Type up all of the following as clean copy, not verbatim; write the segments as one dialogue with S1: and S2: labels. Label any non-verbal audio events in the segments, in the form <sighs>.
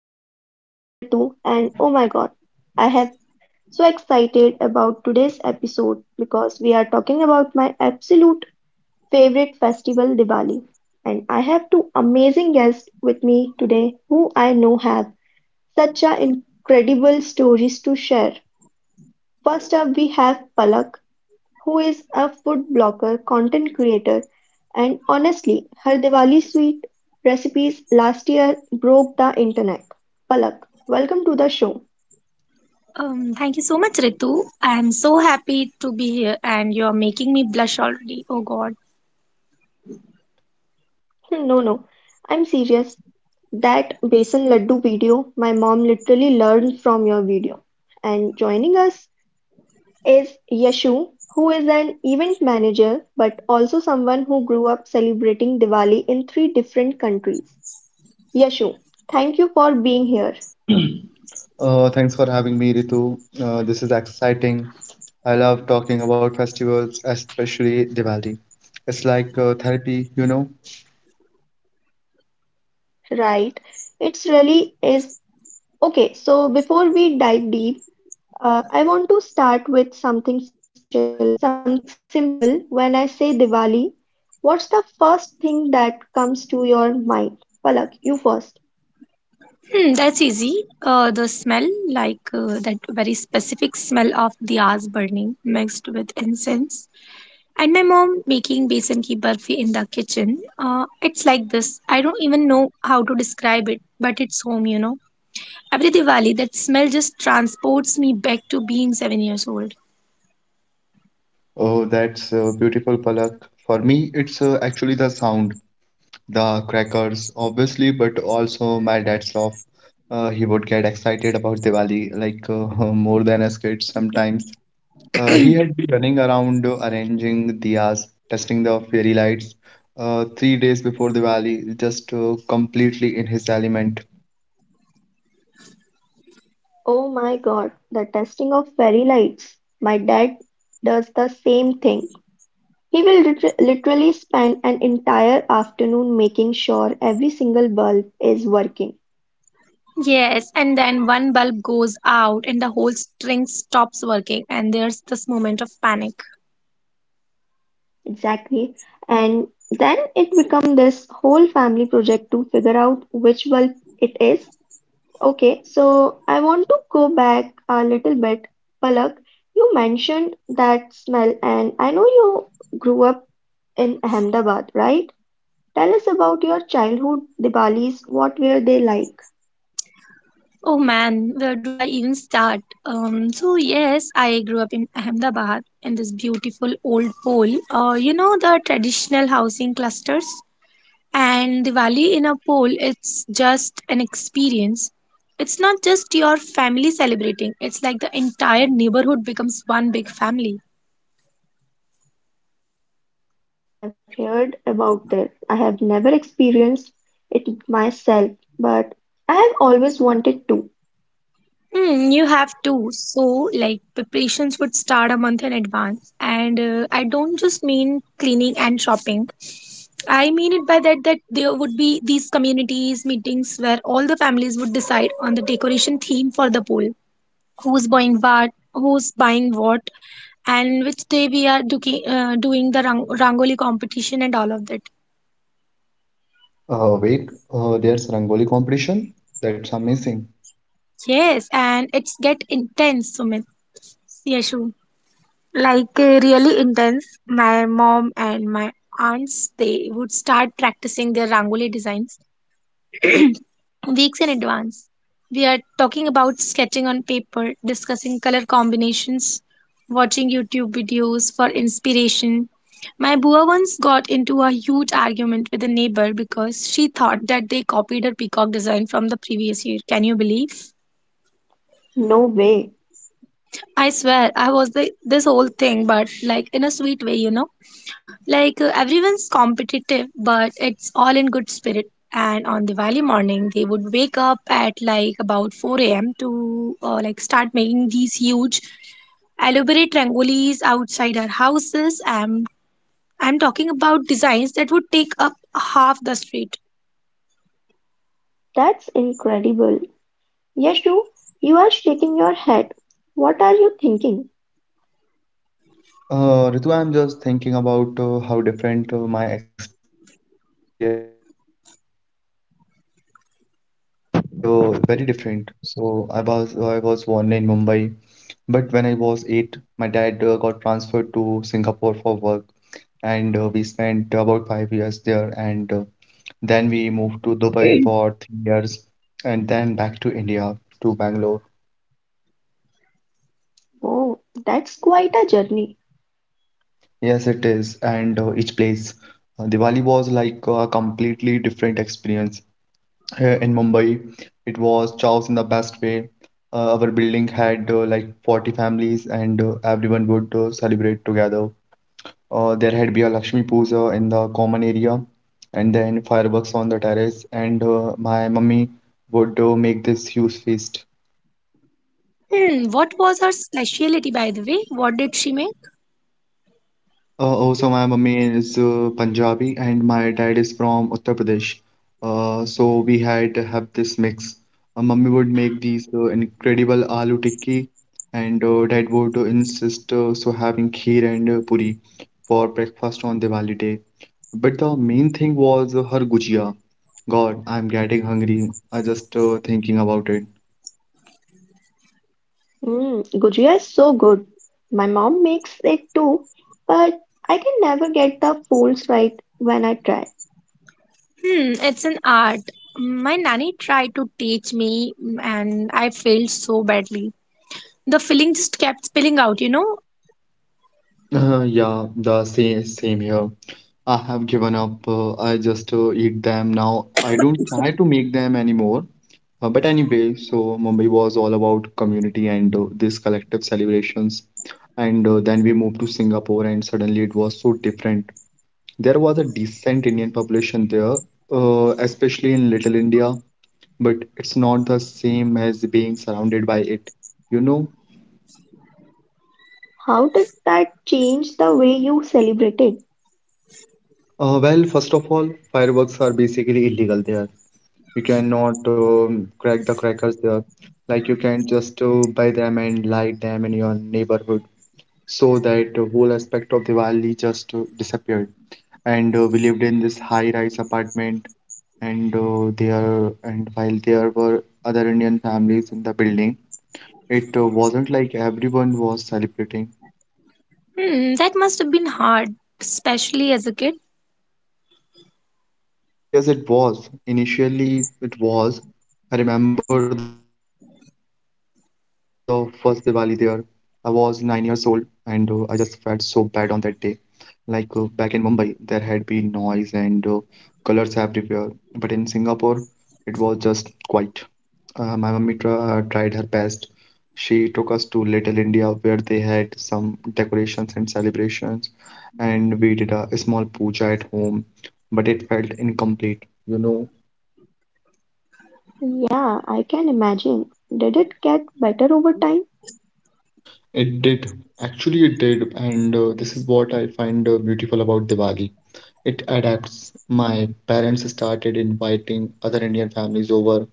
S1: I'm your host Ritu, and oh my god, I am so excited about today's episode because we are talking about my absolute favorite festival, Diwali. And I have two amazing guests with me today who I know have such a incredible stories to share. First up, we have Palak who is a food blogger, content creator, and honestly, her Diwali sweet recipes last year broke the internet. Palak, welcome to the show.
S2: Thank you so much, Ritu. I am so happy to be here, and you're making me blush already. Oh God.
S1: <laughs> No, no, I'm serious. That besan laddu video, my mom literally learned from your video. And joining us is Yashu, who is an event manager but also someone who grew up celebrating Diwali in three different countries. Yashu, thank you for being here.
S3: Thanks for having me, Ritu. This is exciting. I love talking about festivals, especially Diwali. It's like therapy,
S1: Right. It's really is. Okay, so before we dive deep, I want to start with something special, something simple. When I say Diwali, what's the first thing that comes to your mind? Palak, you first.
S2: That's easy. The smell, like that very specific smell of diyas burning mixed with incense, and my mom making besan ki barfi in the kitchen. It's like this. I don't even know how to describe it, but it's home. Every Diwali, that smell just transports me back to being 7 years old.
S3: Oh, that's beautiful, Palak. For me, it's actually the sound, the crackers, obviously, but also my dad's love. He would get excited about Diwali, like <laughs> more than us kids sometimes. He had been running around arranging diyas, testing the fairy lights. 3 days before the valley, just completely in his element.
S1: Oh my God, the testing of fairy lights. My dad does the same thing. He will literally spend an entire afternoon making sure every single bulb is working.
S2: Yes, and then one bulb goes out and the whole string stops working, and there's this moment of panic.
S1: Exactly. And then it become this whole family project to figure out which bulb it is. Okay, so I want to go back a little bit. Palak, you mentioned that smell, and I know you grew up in Ahmedabad, right? Tell us about your childhood Diwalis. What were they like?
S2: Oh man, where do I even start? So yes, I grew up in Ahmedabad in this beautiful old pole. You know the traditional housing clusters, and Diwali in a pole, it's just an experience. It's not just your family celebrating; it's like the entire neighborhood becomes one big family.
S1: I have heard about it. I have never experienced it myself, but I have always wanted to.
S2: Hmm, you have to. So, like, preparations would start a month in advance. And I don't just mean cleaning and shopping. I mean it by that there would be these communities meetings where all the families would decide on the decoration theme for the pool. Who's buying what, and which day we are doing the rangoli competition and all of that.
S3: Wait, there's Rangoli competition? That's amazing.
S2: Yes, and it's get intense, Sumit. Yes, like really intense. My mom and my aunts they would start practicing their rangoli designs weeks in advance. We are talking about sketching on paper, discussing color combinations, watching YouTube videos for inspiration. My bua once got into a huge argument with a neighbor because she thought that they copied her peacock design from the previous year. Can you believe?
S1: No way.
S2: I swear, I was the, this whole thing, but like in a sweet way. Like everyone's competitive, but it's all in good spirit. And on Diwali morning, they would wake up at like about 4 a.m. to like start making these huge elaborate rangolis outside our houses. And I'm talking about designs that would take up half the street.
S1: That's incredible. Yashu, you are shaking your head. What are you thinking?
S3: Ritu, I'm just thinking about how different my experience was. I mean, it was beautiful in its own way, but very different. So I was born in Mumbai, but when I was eight, my dad got transferred to Singapore for work. And we spent about 5 years there and then we moved to Dubai for 3 years and then back to India to Bangalore.
S1: Oh, that's quite a journey.
S3: Yes, it is. And each place, Diwali was like a completely different experience. Here in Mumbai, it was chaos in the best way. Our building had like 40 families and everyone would celebrate together. There had be a Lakshmi Puja in the common area, and then fireworks on the terrace. And my mummy would make this huge feast.
S2: Hmm, what was her specialty, by the way? What did she make?
S3: Oh, so my mummy is Punjabi and my dad is from Uttar Pradesh. So we had to have this mix. Mummy would make these incredible aloo tikki, and dad would insist so having kheer and puri for breakfast on Diwali day. But the main thing was her gujia. God, I'm getting hungry. I just thinking about it.
S1: Mm, Gujia is so good. My mom makes it too, but I can never get the folds right when I try.
S2: Hmm, it's an art. My nanny tried to teach me, and I failed so badly. The filling just kept spilling out.
S3: Yeah, the same here. I have given up. I just eat them now. I don't try to make them anymore. But anyway, so Mumbai was all about community and these collective celebrations. And then we moved to Singapore, and suddenly it was so different. There was a decent Indian population there, especially in Little India, but it's not the same as being surrounded by it. You know,
S1: How did that change the way you celebrated?
S3: uh, well, first of all, fireworks are basically illegal there. You cannot crack the crackers there. Like you can just buy them and light them in your neighborhood. So that the whole aspect of Diwali just disappeared. And we lived in this high-rise apartment, and there and while there were other Indian families in the building, it wasn't like everyone was celebrating.
S2: Hmm, that must have been hard, especially as a kid.
S3: Yes, it was. Initially, it was. I remember the first Diwali there. I was 9 years old and I just felt so bad on that day. Like back in Mumbai, there had been noise and colors everywhere. But in Singapore, it was just quiet. My mummy tr tried her best. She took us to Little India, where they had some decorations and celebrations, and we did a small puja at home, but it felt incomplete,
S1: Yeah, I can imagine. Did it get better over time?
S3: It did. Actually, it did, and this is what I find beautiful about Diwali. It adapts. My parents started inviting other Indian families over,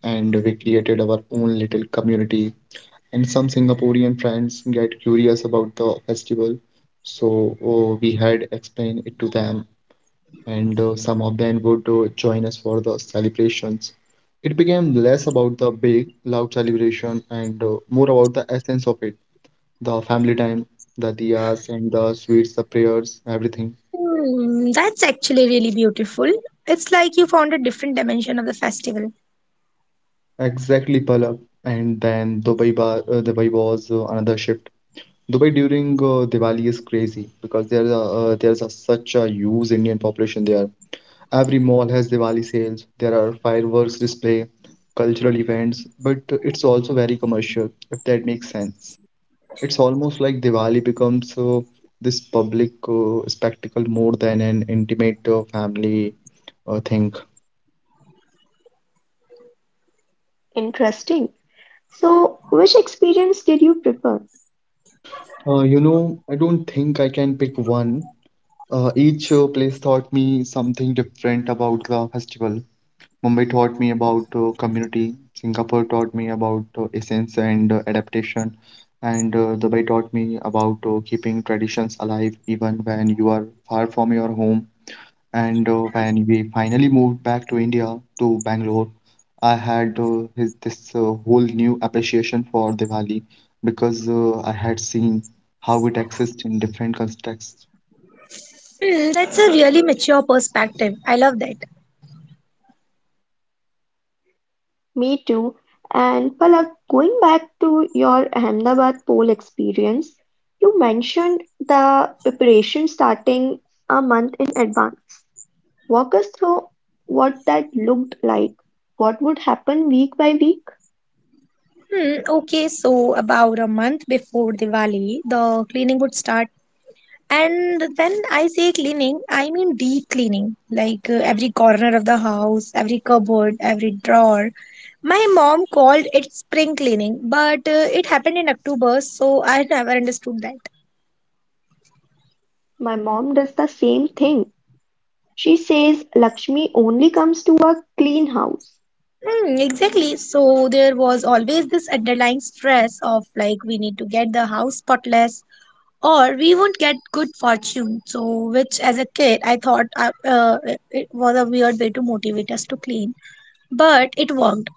S3: and we created our own little community and some Singaporean friends get curious about the festival. So we had explained it to them, and some of them would join us for the celebrations. It became less about the big, loud celebration and more about the essence of it, the family time, the diyas and the sweets, the prayers, everything.
S2: Hmm, that's actually really beautiful. It's like you found a different dimension of the festival.
S3: Exactly, Palak. And then Dubai was another shift. Dubai during Diwali is crazy because there's such a huge Indian population there. Every mall has Diwali sales. There are fireworks display, cultural events, but it's also very commercial, if that makes sense. It's almost like Diwali becomes this public spectacle more than an intimate family thing.
S1: Interesting. So, which experience did you prefer?
S3: You know, I don't think I can pick one. Each place taught me something different about the festival. Mumbai taught me about community, Singapore taught me about essence and adaptation, and Dubai taught me about keeping traditions alive even when you are far from your home. And when we finally moved back to India, to Bangalore, I had this whole new appreciation for Diwali because I had seen how it exists in different contexts.
S2: Hmm, that's a really mature perspective. I love that.
S1: Me too. And Palak, going back to your Ahmedabad poll experience, you mentioned the preparation starting a month in advance. Walk us through what that looked like. What would happen week by week?
S2: Hmm, okay, so about a month before Diwali, the cleaning would start. And when I say cleaning, I mean deep cleaning, like every corner of the house, every cupboard, every drawer. My mom called it spring cleaning, but it happened in October, so I never understood that.
S1: My mom does the same thing. She says Lakshmi only comes to a clean house.
S2: Hmm, exactly. So there was always this underlying stress of like we need to get the house spotless or we won't get good fortune. So, which as a kid, I thought it was a weird way to motivate us to clean. But it worked.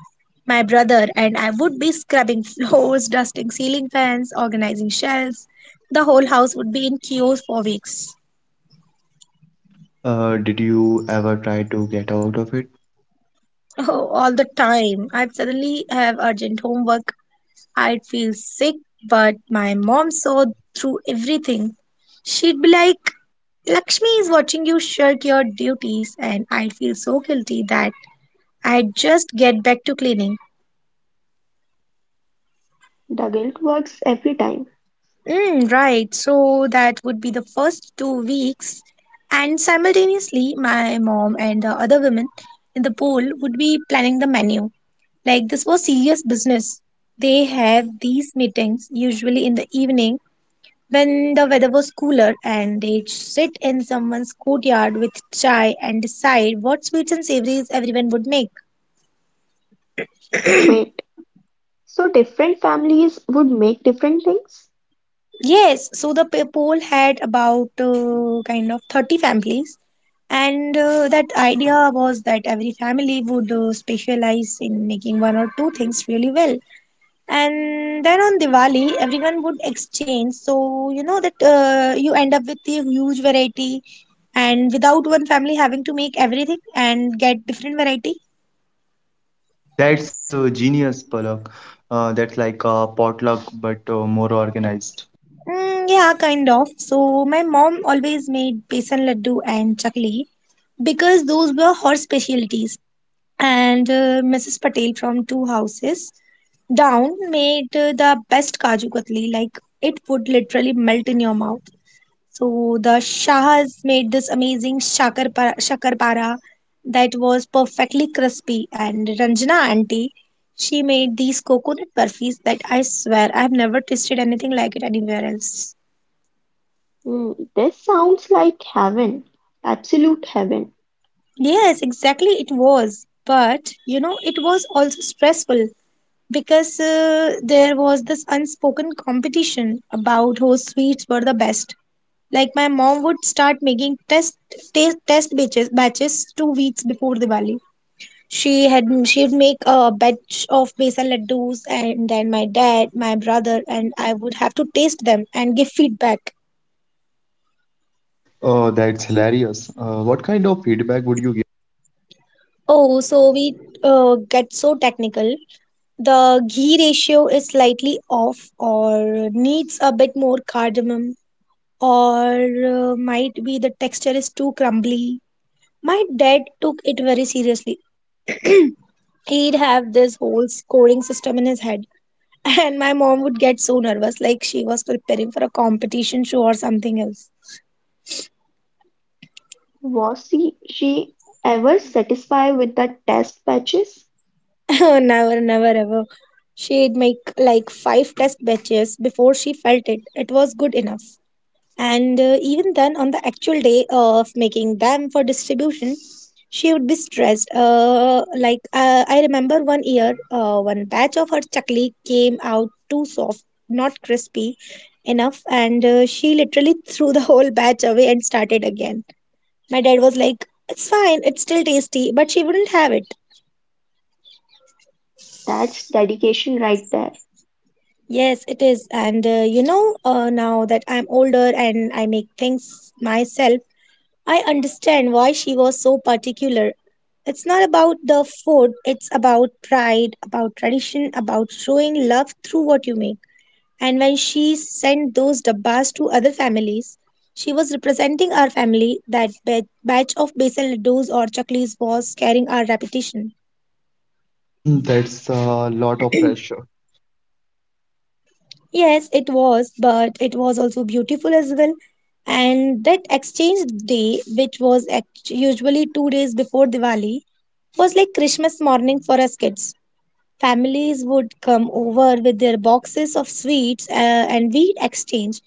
S2: My brother and I would be scrubbing floors, <laughs> dusting ceiling fans, organizing shelves. The whole house would be in chaos for weeks.
S3: Did you ever try to get out of it?
S2: Oh, all the time. I'd suddenly have urgent homework. I'd feel sick, but my mom saw through everything. She'd be like, "Lakshmi is watching you shirk your duties," and I'd feel so guilty that I'd just get back to cleaning.
S1: The guilt works every time.
S2: Mm, right. So that would be the first 2 weeks. And simultaneously, my mom and the other women in the pool would be planning the menu. Like this was serious business. They have these meetings usually in the evening when the weather was cooler, and they sit in someone's courtyard with chai and decide what sweets and savories everyone would make.
S1: Wait, so different families would make different things?
S2: Yes, so the poll had about kind of 30 families. And that idea was that every family would specialize in making one or two things really well. And then on Diwali, everyone would exchange. So, you know, that you end up with a huge variety and without one family having to make everything and get different variety.
S3: <laughs> <clears throat> That's genius, Palak. That's like a potluck, but more organized.
S2: Mm, yeah, kind of. So, my mom always made besan laddu and chakli because those were her specialties, and Mrs. Patel from two houses down made the best kaju katli, like it would literally melt in your mouth. So the Shahas made this amazing shakarpara that was perfectly crispy. And Ranjana auntie, she made these coconut burfis that I swear I've never tasted anything like it anywhere else.
S1: Mm, this sounds like heaven, absolute heaven.
S2: Yes, exactly, it was. But you know, it was also stressful because there was this unspoken competition about whose sweets were the best. Like my mom would start making test batches 2 weeks before Diwali. She'd make a batch of besan laddus, and then my dad, my brother, and I would have to taste them and give feedback.
S3: Oh, that's hilarious. What kind of feedback would you
S2: Oh, so we get so technical. The ghee ratio is slightly off, or needs a bit more cardamom, or might be the texture is too crumbly. My dad took it very seriously. He'd have this whole scoring system in his head. <laughs> And my mom would get so nervous, like she was preparing for a competition show or something else.
S1: Was she ever satisfied with the test patches?
S2: <laughs> Never, never, ever. She'd make like five test batches before she felt it. It was good enough. And even then, on the actual day of making them for distribution, she would be stressed. Like, I remember one year, one batch of her chakli came out too soft, not crispy enough, and she literally <laughs> threw the whole batch away and started again. My dad was like, "It's fine, it's still tasty," but she wouldn't have it.
S1: That's dedication right there.
S2: Yes, it is. And now that I'm older and I make things myself, I understand why she was so particular. It's not about the food, it's about pride, about tradition, about showing love through what you make. And when she sent those dabbas to other families, she was representing our family. That batch of basil laddus or chaklis was carrying our reputation.
S3: give? <clears throat> That's a lot of pressure.
S2: Yes, it was, but it was also beautiful as well. And that exchange day, which was usually 2 days before Diwali, was like Christmas morning for us kids. Families would come over with their boxes of sweets and we'd exchange,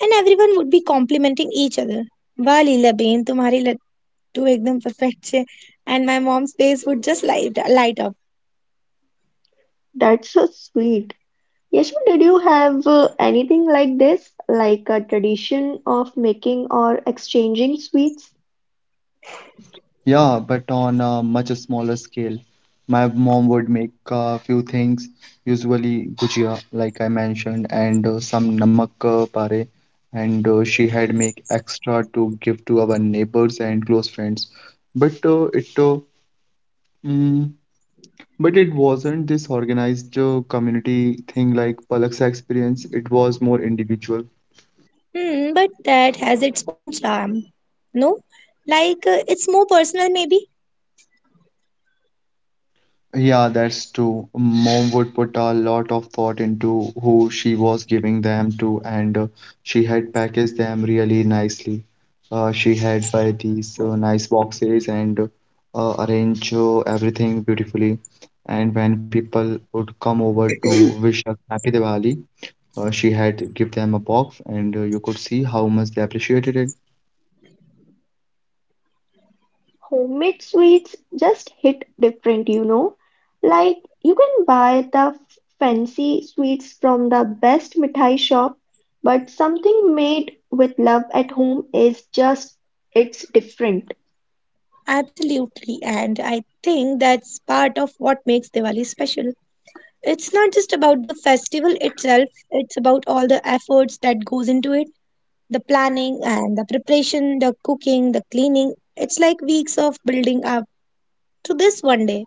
S2: and everyone would be complimenting each other. Wow, Leela Bain, तुम्हारी लड्डू एकदम perfect छे. And my mom's face would just light up.
S1: That's so sweet. Yashu, did you have anything like this, like a tradition of making or exchanging sweets?
S3: Yeah, but on a much smaller scale. My mom would make a few things, usually gujia, like I mentioned, and some namak pare. And she had make extra to give to our neighbors and close friends. But uh, it uh, mm, But it wasn't this organized community thing like Palak's experience, it was more individual.
S2: Hmm, but that has its own charm. No? Like, it's more personal maybe?
S3: Yeah, that's true. Mom would put a lot of thought into who she was giving them to, and she had packaged them really nicely. She had buy these nice boxes and arrange everything beautifully. And when people would come over to wish us happy Diwali, she had give them a box, and you could see how much they appreciated it.
S1: Homemade sweets just hit different, you know. Like you can buy the fancy sweets from the best mithai shop, but something made with love at home is just it's different.
S2: Absolutely. And I think that's part of what makes Diwali special. It's not just about the festival itself, it's about all the efforts that goes into it, the planning and the preparation, the cooking, the cleaning. It's like weeks of building up to this one day.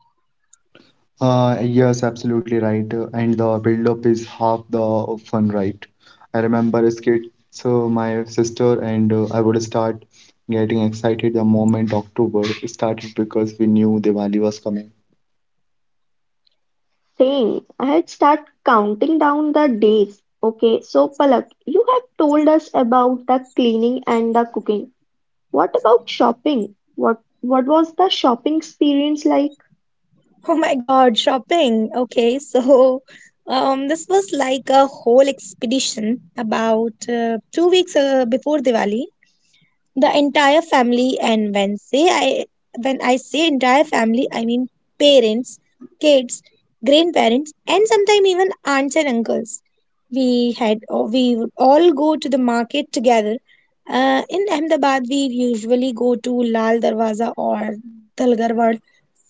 S3: Yes, absolutely right. And the build-up is half the fun, right? I remember as kids, so my sister and I would start getting excited the moment October started because we knew Diwali was coming.
S1: Same. I had start counting down the days. Okay, so Palak, you have told us about the cleaning and the cooking. What about shopping? What was the shopping experience like?
S2: Oh my god, shopping. Okay, so this was like a whole expedition about 2 weeks before Diwali. The entire family, and when I say entire family, I mean parents, kids, grandparents, and sometimes even aunts and uncles, we would all go to the market together in Ahmedabad we usually go to Lal Darwaza or Dalgarwad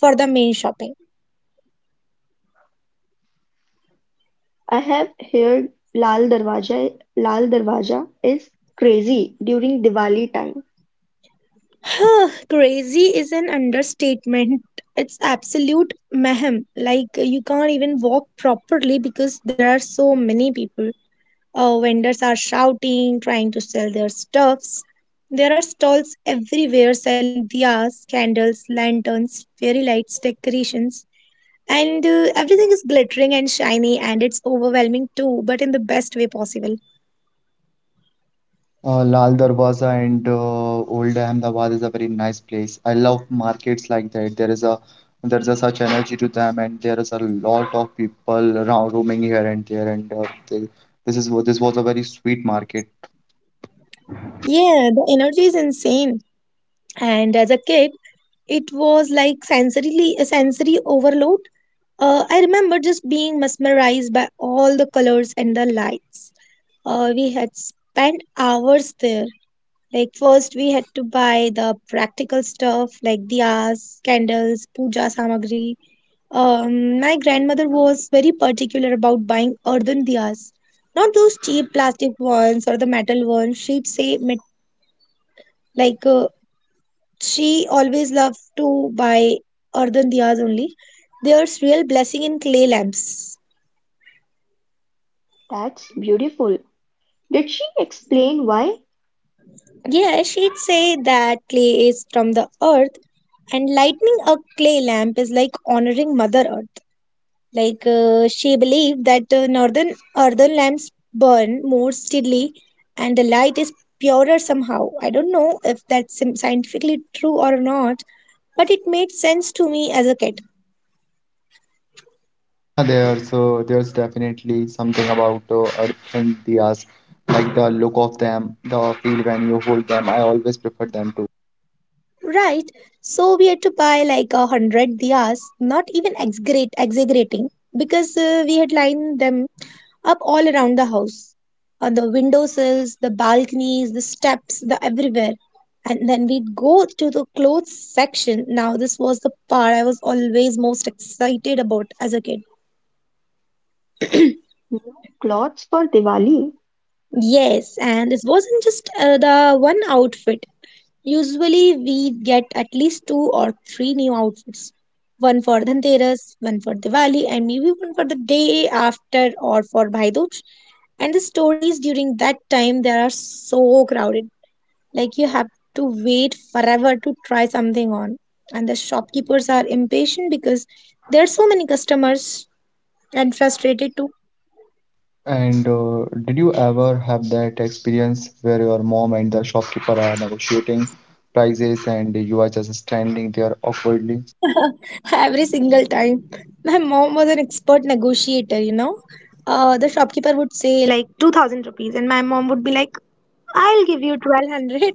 S2: for the main shopping.
S1: I have heard Lal Darwaja is crazy during Diwali time.
S2: <sighs> Crazy is an understatement. It's absolute mayhem. Like, you can't even walk properly because there are so many people. Vendors are shouting, trying to sell their stuffs. There are stalls everywhere selling diyas, candles, lanterns, fairy lights, decorations, and everything is glittering and shiny, and it's overwhelming too, but in the best way possible.
S3: Lal Darwaza and Old Ahmedabad is a very nice place. I love markets like that. There is a such energy to them, and there is a lot of people around roaming here and there. They, this this was a very sweet market.
S2: Yeah, the energy is insane. And as a kid, it was like sensorily a sensory overload. I remember just being mesmerized by all the colors and the lights. We had spent hours there. Like first we had to buy the practical stuff like diyas, candles, puja samagri. My grandmother was very particular about buying earthen diyas, not those cheap plastic ones or the metal ones. She'd say like uh, she always loved to buy earthen diyas only. There's real blessing in clay lamps.
S1: That's beautiful. Did she explain why?
S2: Yeah, she'd say that clay is from the earth and lighting a clay lamp is like honoring Mother Earth. Like she believed that northern lamps burn more steadily and the light is purer somehow. I don't know if that's scientifically true or not, but it made sense to me as a kid.
S3: Yeah, there. So there's definitely something about earthen diyas, like the look of them, the feel when you hold them. I always prefer them to.
S2: Right, so we had to buy like 100 diyas, not even exaggerating, because we had lined them up all around the house on the windowsills, the balconies, the steps, the everywhere. And then we'd go to the clothes section. Now, this was the part I was always most excited about as a kid.
S1: New clothes for Diwali.
S2: Yes, and this wasn't just the one outfit. Usually, we'd get at least two or three new outfits, one for Dhanteras, one for Diwali, and maybe one for the day after or for Bhai Dooj. And the stories during that time, they are so crowded. Like you have to wait forever to try something on. And the shopkeepers are impatient because there are so many customers and frustrated too.
S3: And did you ever have that experience where your mom and the shopkeeper are negotiating prices and you are just standing there awkwardly?
S2: Every single time. My mom was an expert negotiator. The shopkeeper would say, like, 2000 rupees, and my mom would be like, "I'll give you 1200."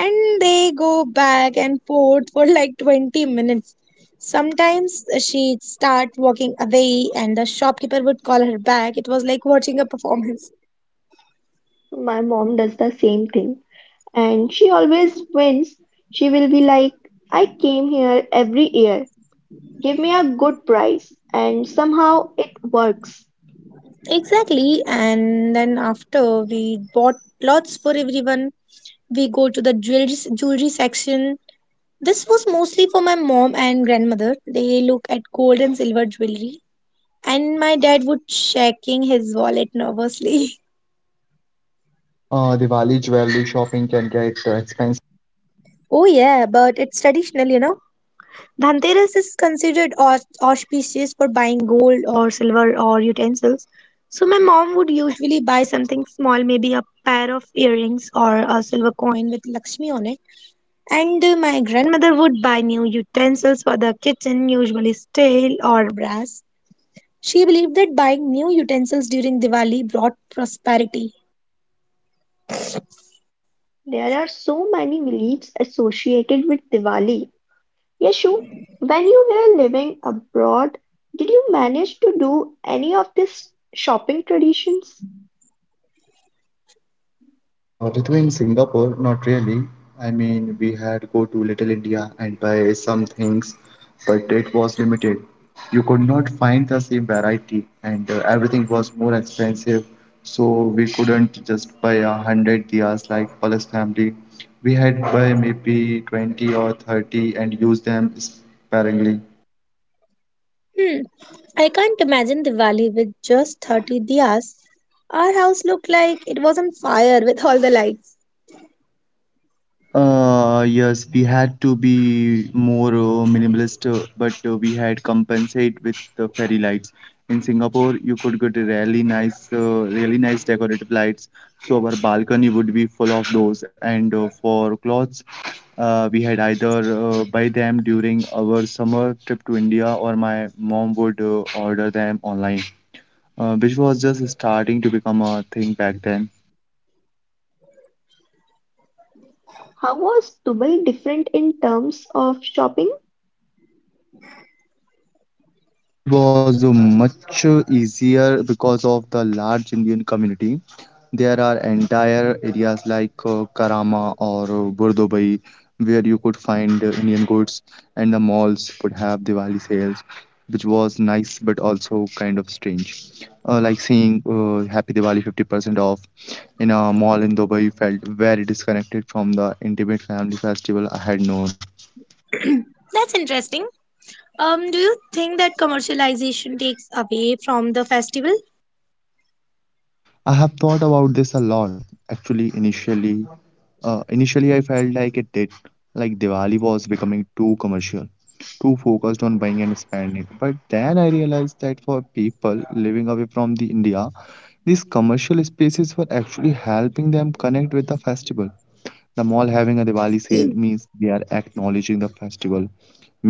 S2: And they go back and forth for like 20 minutes. Sometimes she'd start walking away, and the shopkeeper would call her back. It was like watching a performance.
S1: My mom does the same thing and she always wins. She will be like, I came here every year. Give me a good price. And somehow it works.
S2: Exactly. And then after we bought lots for everyone, we go to the jewelry section. This was mostly for my mom and grandmother. They look at gold and silver jewelry, and my dad would checking his wallet nervously. <laughs>
S3: Diwali jewelry shopping can get expensive.
S2: Oh, yeah, but it's traditional. Dhanteras is considered auspicious for buying gold or silver or utensils. So my mom would usually buy something small, maybe a pair of earrings or a silver coin with Lakshmi on it. And my grandmother would buy new utensils for the kitchen, usually steel or brass. She believed that buying new utensils during Diwali brought prosperity.
S1: There are so many beliefs associated with Diwali. Yashu, when you were living abroad, did you manage to do any of these shopping traditions?
S3: Ritu, in Singapore, not really. I mean, we had go to Little India and buy some things, but it was limited. You could not find the same variety, and everything was more expensive. So we couldn't just buy a hundred diyas like Palace family. We had buy maybe 20 or 30 and use them sparingly.
S2: Hmm, I can't imagine Diwali with just 30 diyas. Our house looked like it was on fire with all the lights.
S3: Yes, we had to be more minimalist, but we had compensate with the fairy lights. In Singapore, you could get a really nice decorative lights. So our balcony would be full of those. And for clothes, we had either buy them during our summer trip to India, or my mom would order them online, which was just starting to become a thing back then.
S1: How was Dubai different in terms of shopping?
S3: Dubai was much easier because of the large Indian community. There are entire areas like Karama or Burdubai where you could find Indian goods, and the malls could have Diwali sales, which was nice but also kind of strange. Like seeing Happy Diwali 50% off in a mall in Dubai felt very disconnected from the intimate family festival I had known.
S2: That's interesting. Do you think that commercialization takes away from the festival?
S3: I have thought about this a lot. Actually, initially I felt like it did, like Diwali was becoming too commercial, too focused on buying and spending. But then I realized that for people living away from the India, these commercial spaces were actually helping them connect with the festival. The mall having a Diwali sale means they are acknowledging the festival,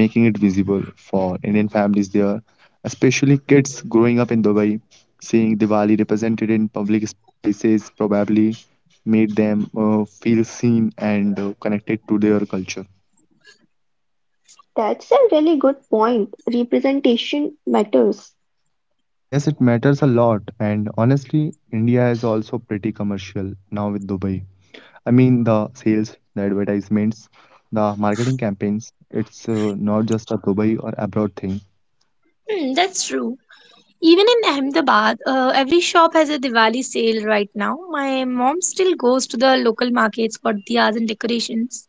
S3: making it visible for Indian families there, especially kids growing up in Dubai. Seeing Diwali represented in public spaces probably made them feel seen and connected to their culture.
S1: That's a really good point. Representation matters.
S3: Yes, it matters a lot, and honestly, India is also pretty commercial now with Dubai. I mean, the sales, the advertisements, the marketing campaigns, it's not just a Dubai or abroad thing.
S2: Hmm, that's true. Even in Ahmedabad, every shop has a Diwali sale right now. My mom still goes to the local markets for diyas and decorations.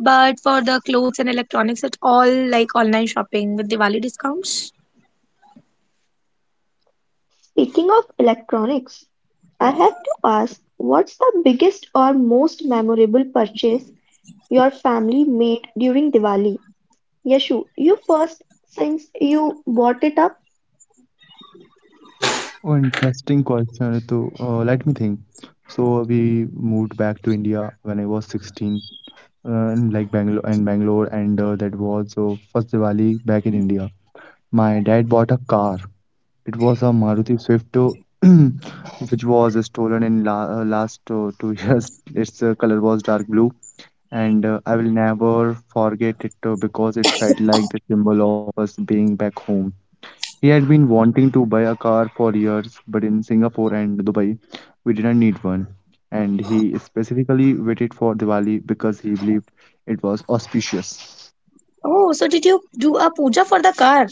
S2: But for the clothes and electronics, it's all like online shopping with Diwali discounts.
S1: Speaking of electronics, I have to ask, what's the biggest or most memorable purchase your family made during Diwali? Yashu, you first since you bought it up.
S3: Oh, interesting question, Ritu. Let me think. So we moved back to India when I was 16, in like Bangalore, and that was first Diwali back in India. My dad bought a car. It was a Maruti Swift, <clears throat> which was stolen in la last 2 years. <laughs> Its color was dark blue, and I will never forget it because it felt like the symbol of us being back home. He had been wanting to buy a car for years, but in Singapore and Dubai, we didn't need one. And he specifically waited for Diwali because he believed it was auspicious.
S2: Oh, so did you do a puja for the car?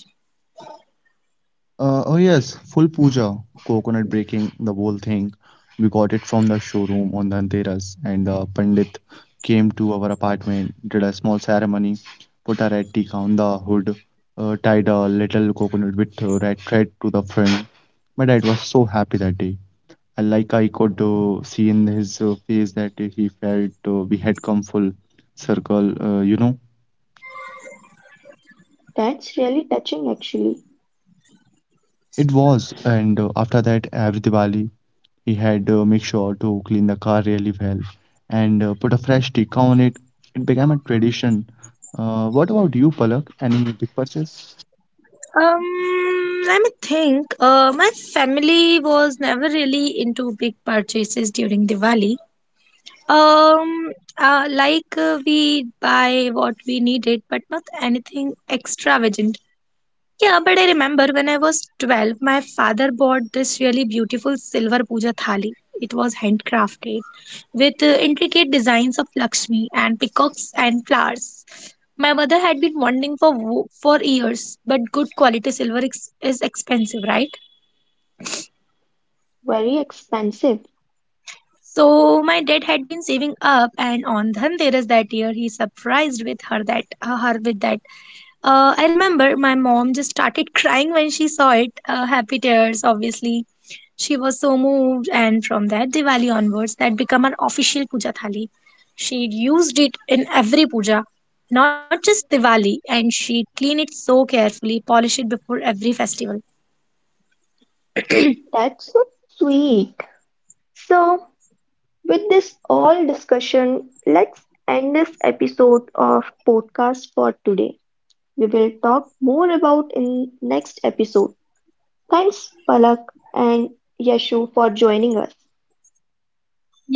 S3: Oh, yes, full puja, coconut breaking, the whole thing. We got it from the showroom on Dhanteras, and the Pandit came to our apartment, did a small ceremony, put a red tick on the hood, tied a little coconut with red thread to the front. My dad was so happy that day. I could see in his face that he felt we had come full circle. You know,
S1: That's really touching actually.
S3: it was. And after that, every Diwali, he had make sure to clean the car really well and put a fresh sticker on it. It became a tradition. What about you, Palak? Any big purchase?
S2: Um, let me think. My family was never really into big purchases during Diwali. Um, like, we buy what we needed, but not anything extravagant. Yeah, but I remember when I was 12, my father bought this really beautiful silver puja thali. It was handcrafted with intricate designs of Lakshmi and peacocks and flowers. My mother had been wanting for years, but good quality silver is expensive, right?
S1: Very expensive.
S2: So my dad had been saving up, and on Dhanteras that year, he surprised with her that her with that I remember my mom just started <laughs> crying when she saw it. Happy tears, obviously. She was so moved, and from that Diwali onwards, that became an official puja thali. She used it in every puja, not just Diwali, and she cleaned it so carefully, polish it before every festival.
S1: That's so sweet. So, with this all discussion, let's end this episode of podcast for today. We will talk more about in next episode. Thanks Palak and Yashu for joining us.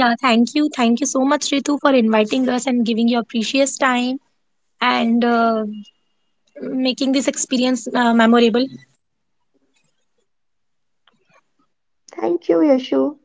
S2: Yeah, thank you. Thank you so much, Ritu, for inviting us and giving your precious time and making this experience memorable.
S1: Thank you Yashu.